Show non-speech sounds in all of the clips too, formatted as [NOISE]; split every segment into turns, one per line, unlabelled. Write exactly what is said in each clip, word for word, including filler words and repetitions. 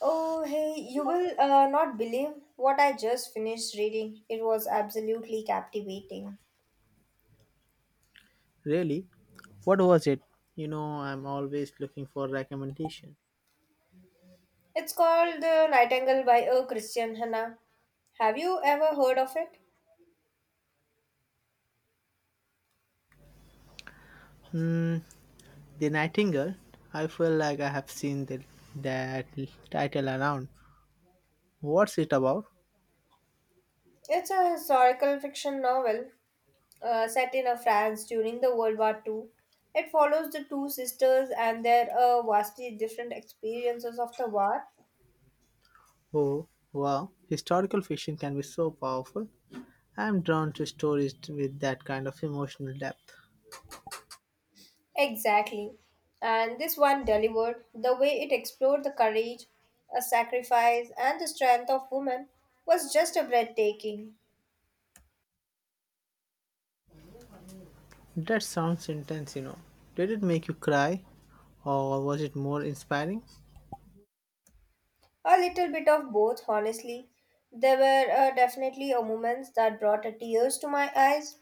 Oh, hey, you will uh, not believe what I just finished reading. It was absolutely captivating.
Really? What was it? You know, I'm always looking for recommendations.
It's called The Nightingale by a Christian Hannah. Have you ever heard of it?
Hmm, The Nightingale. I feel like I have seen the, that title around. What's it about?
It's a historical fiction novel uh, set in uh, France during the World War Two. It follows the two sisters and their uh, vastly different experiences of the war.
Oh, wow. Historical fiction can be so powerful. I'm drawn to stories with that kind of emotional depth.
Exactly. And this one delivered the way it explored the courage, a sacrifice, and the strength of women was just a breathtaking.
That sounds intense, you know. Did it make you cry? Or was it more inspiring?
A little bit of both, honestly. There were uh, definitely a moments that brought a tears to my eyes,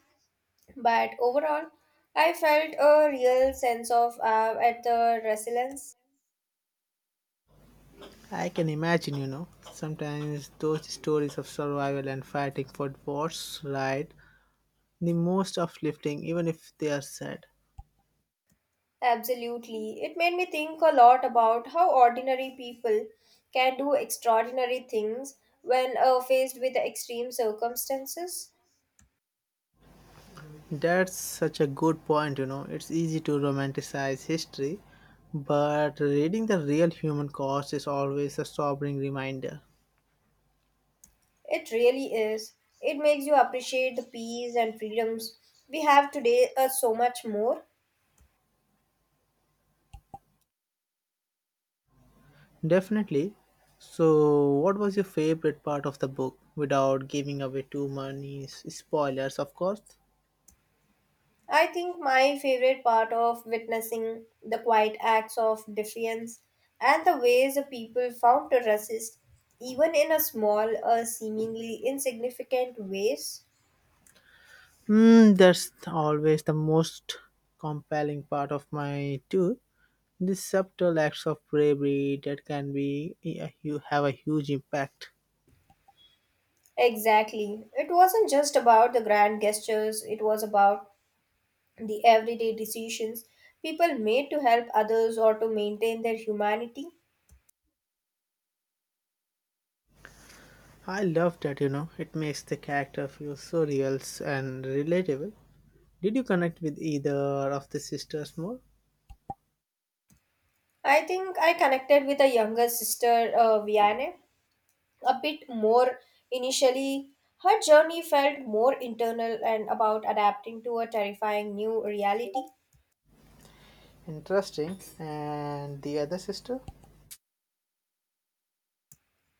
but overall, I felt a real sense of awe at the resilience.
I can imagine, you know, sometimes those stories of survival and fighting for what's right, the most uplifting, even if they are sad.
Absolutely. It made me think a lot about how ordinary people can do extraordinary things when uh, faced with extreme circumstances.
That's such a good point, you know. It's easy to romanticize history, but reading the real human cost is always a sobering reminder.
It really is. It makes you appreciate the peace and freedoms we have today uh, so much more.
Definitely. So, what was your favorite part of the book without giving away too many s- spoilers, of course?
I think my favorite part of witnessing the quiet acts of defiance and the ways the people found to resist, even in a small, uh, seemingly insignificant ways.
Mm, that's always the most compelling part of my tour. The subtle acts of bravery that can be, yeah, you have a huge impact.
Exactly. It wasn't just about the grand gestures, it was about the everyday decisions people made to help others or to maintain their humanity.
I love that, you know, it makes the character feel so real and relatable. Did you connect with either of the sisters more?
I think I connected with a younger sister, uh, Vianney, a bit more initially. Her journey felt more internal and about adapting to a terrifying new reality.
Interesting. And the other sister?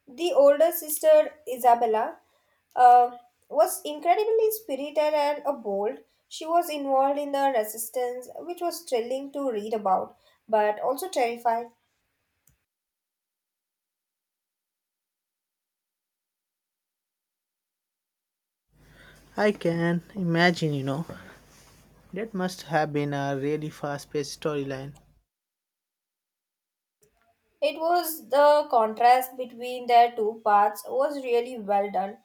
The older sister, Isabella, uh, was incredibly spirited and uh, bold. She was involved in the resistance, which was thrilling to read about, but also terrifying.
I can imagine, you know, that must have been a really fast paced storyline.
It was the contrast between their two paths was really well done.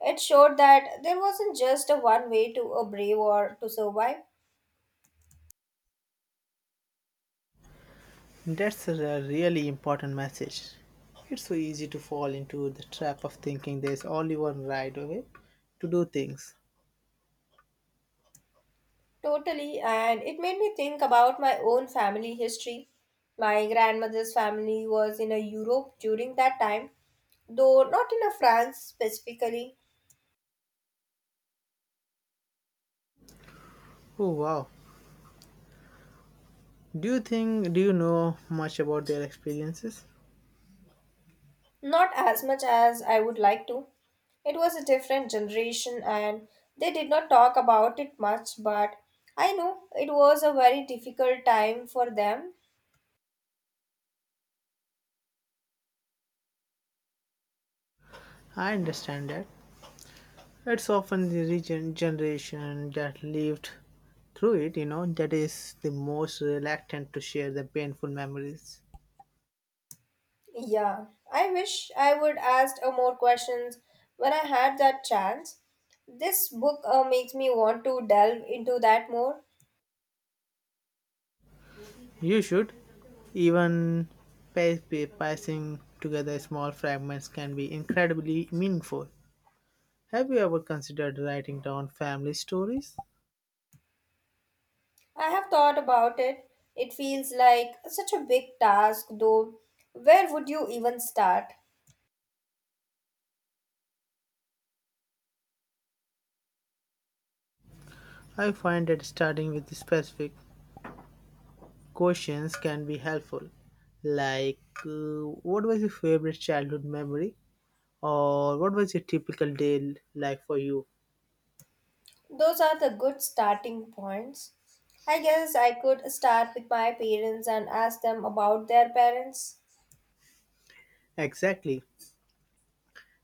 It showed that there wasn't just a one way to a brave or to survive.
That's a really important message. It's so easy to fall into the trap of thinking there's only one right way to do things.
Totally, and it made me think about my own family history. My grandmother's family was in a Europe during that time though not in a France specifically.
Oh wow. Do you think do you know much about their experiences?
Not as much as I would like to. It was a different generation and they did not talk about it much, but I know it was a very difficult time for them.
I understand that. It's often the region generation that lived through it, you know, that is the most reluctant to share the painful memories.
Yeah, I wish I would asked uh, more questions when I had that chance. This book uh, makes me want to delve into that more.
You should. Even pi- pi- piecing together small fragments can be incredibly meaningful. Have you ever considered writing down family stories?
I have thought about it. It feels like such a big task, though. Where would you even start?
I find that starting with specific questions can be helpful. Like, uh, what was your favorite childhood memory? Or what was your typical day like for you?
Those are the good starting points. I guess I could start with my parents and ask them about their parents.
Exactly.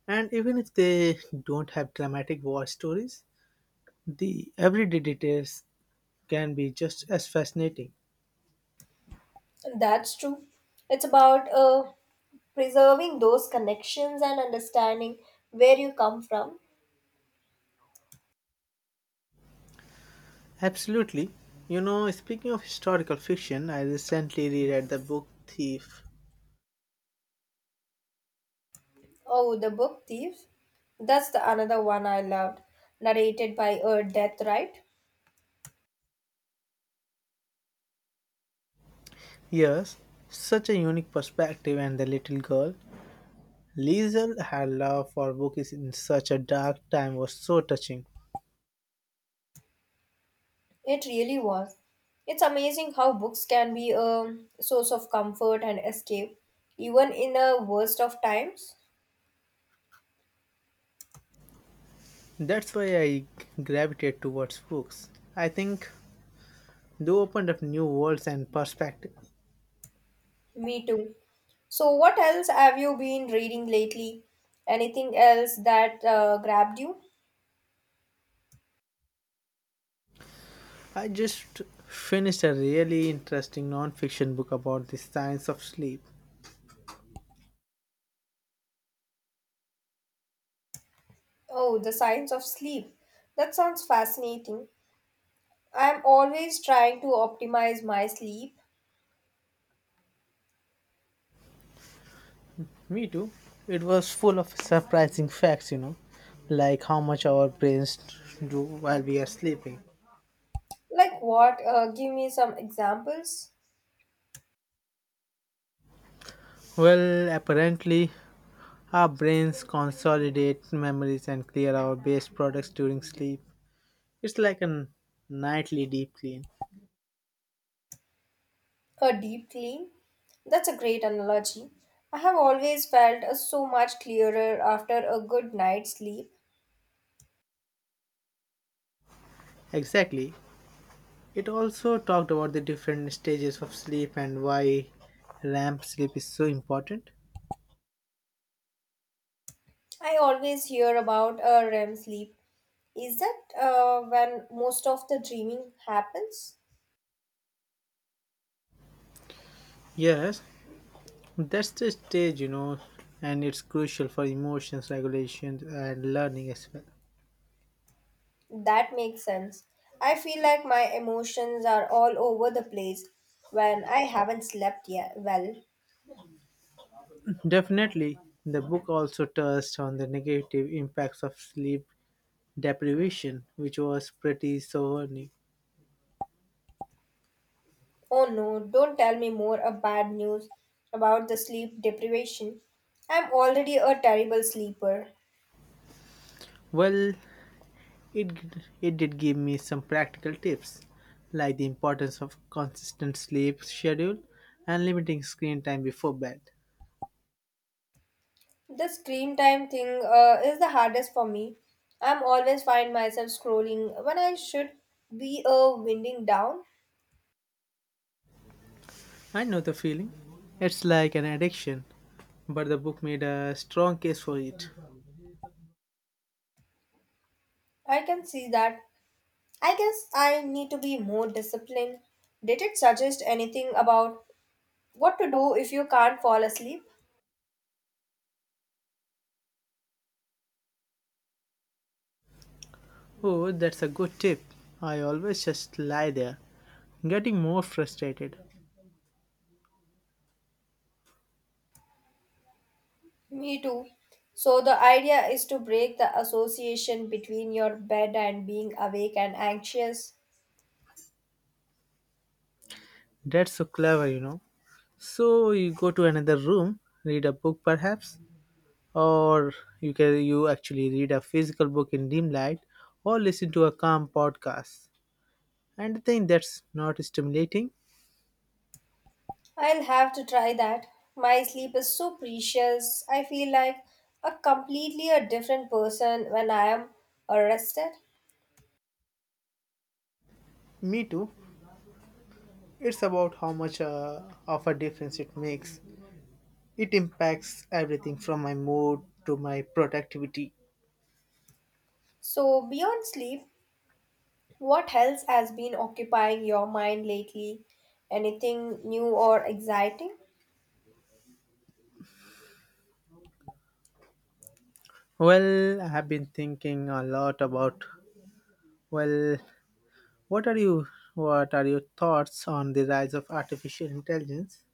And even if they don't have dramatic war stories, the everyday details can be just as fascinating.
That's true. It's about uh, preserving those connections and understanding where you come from.
Absolutely. You know, speaking of historical fiction, I recently reread the book Thief.
Oh, The Book Thief. That's the another one I loved, narrated by uh, Death Right.
Yes, such a unique perspective, and the little girl, Liesel, had love for books in such a dark time was so touching.
It really was. It's amazing how books can be a source of comfort and escape, even in the worst of times.
That's why I gravitate towards books. I think they opened up new worlds and perspectives.
Me too. So, what else have you been reading lately? Anything else that uh, grabbed you?
I just finished a really interesting non-fiction book about the science of sleep.
Oh, The Science of Sleep. That sounds fascinating. I'm always trying to optimize my sleep.
Me too. It was full of surprising facts, you know, like how much our brains do while we are sleeping.
Like what? Uh, give me some examples.
Well, apparently our brains consolidate memories and clear our waste products during sleep. It's like a nightly deep clean.
A deep clean. That's a great analogy. I have always felt uh, so much clearer after a good night's sleep.
Exactly. It also talked about the different stages of sleep and why R E M sleep is so important.
I always hear about a R E M sleep. Is that uh, when most of the dreaming happens?
Yes, that's the stage, you know, and it's crucial for emotions regulation and learning as well.
That makes sense. I feel like my emotions are all over the place when I haven't slept yet. Well,
Definitely, the book also touched on the negative impacts of sleep deprivation, which was pretty sobering.
oh no, don't tell me more of bad news about the sleep deprivation. I'm already a terrible sleeper.
Well, It, it did give me some practical tips, like the importance of consistent sleep schedule and limiting screen time before bed.
The screen time thing uh, is the hardest for me. I'm always find myself scrolling when I should be uh, winding down.
I know the feeling. It's like an addiction, but the book made a strong case for it.
I can see that. I guess I need to be more disciplined. Did it suggest anything about what to do if you can't fall asleep?
Oh, that's a good tip. I always just lie there, getting more frustrated.
Me too. So, the idea is to break the association between your bed and being awake and anxious.
That's so clever, you know. So you go to another room, read a book perhaps, or you can you actually read a physical book in dim light or listen to a calm podcast, and I think that's not stimulating.
I'll have to try that. My sleep is so precious. I feel like a completely a different person when I am rested.
Me too. It's about how much uh, of a difference it makes. It impacts everything from my mood to my productivity.
So, beyond sleep, what else has been occupying your mind lately? Anything new or exciting?
Well, I have been thinking a lot about, well what are you what are your thoughts on the rise of artificial intelligence?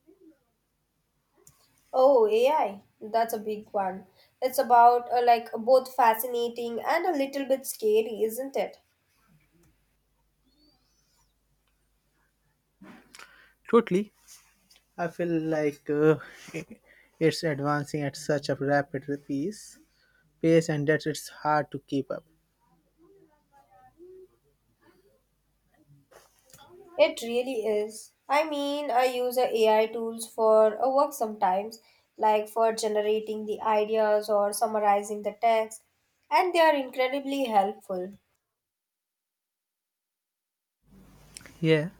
Oh, A I. That's a big one. It's about uh, like both fascinating and a little bit scary, isn't it?
Totally. I feel like uh, [LAUGHS] it's advancing at such a rapid pace, pace, and that it's hard to keep up.
It really is. I mean, I use uh, A I tools for uh, work sometimes, like for generating the ideas or summarizing the text, and they are incredibly helpful.
Yeah,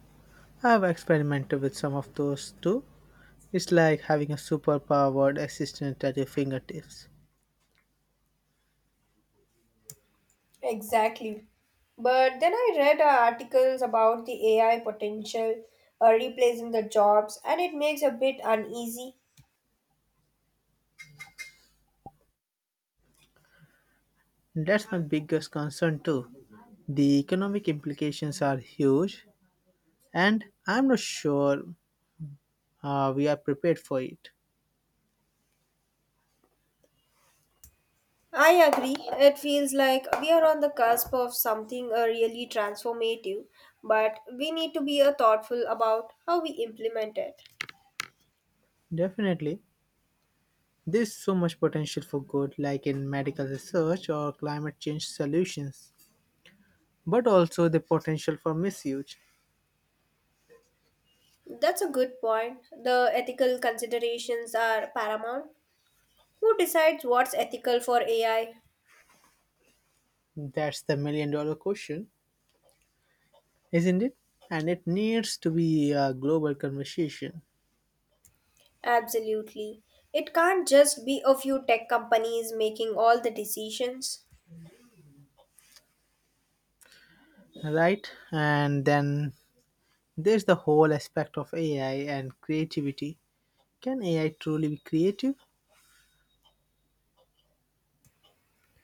I've experimented with some of those too. It's like having a superpowered assistant at your fingertips.
Exactly. But then I read uh, articles about the A I potential uh, replacing the jobs, and it makes a bit uneasy.
That's my biggest concern too. The economic implications are huge, and I'm not sure uh, we are prepared for it.
I agree. It feels like we are on the cusp of something uh, really transformative, but we need to be uh, thoughtful about how we implement it.
Definitely, there's so much potential for good, like in medical research or climate change solutions, but also the potential for misuse.
That's a good point. The ethical considerations are paramount. Who decides what's ethical for A I?
That's the million dollar question, isn't it? And it needs to be a global conversation,
Absolutely. It can't just be a few tech companies making all the decisions.
right? And then there's the whole aspect of A I and creativity. Can A I truly be creative?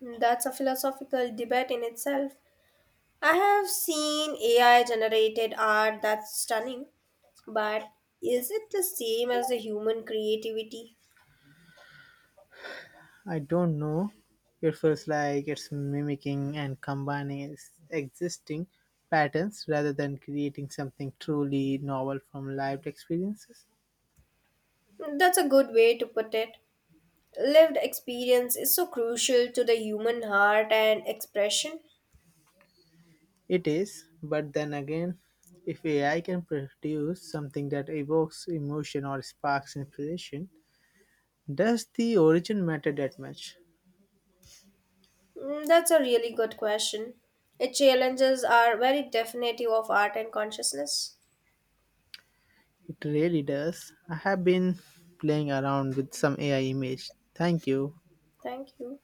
That's a philosophical debate in itself. I have seen A I generated art that's stunning, but is it the same as the human creativity?
I don't know. It feels like it's mimicking and combining ex- existing patterns rather than creating something truly novel from lived experiences.
That's a good way to put it. Lived experience is so crucial to the human heart and expression.
It is, but then again, if A I can produce something that evokes emotion or sparks inspiration, does the origin matter that much?
Mm, that's a really good question. It challenges are very definitive of art and consciousness.
It really does. I have been playing around with some A I image. Thank you.
Thank you.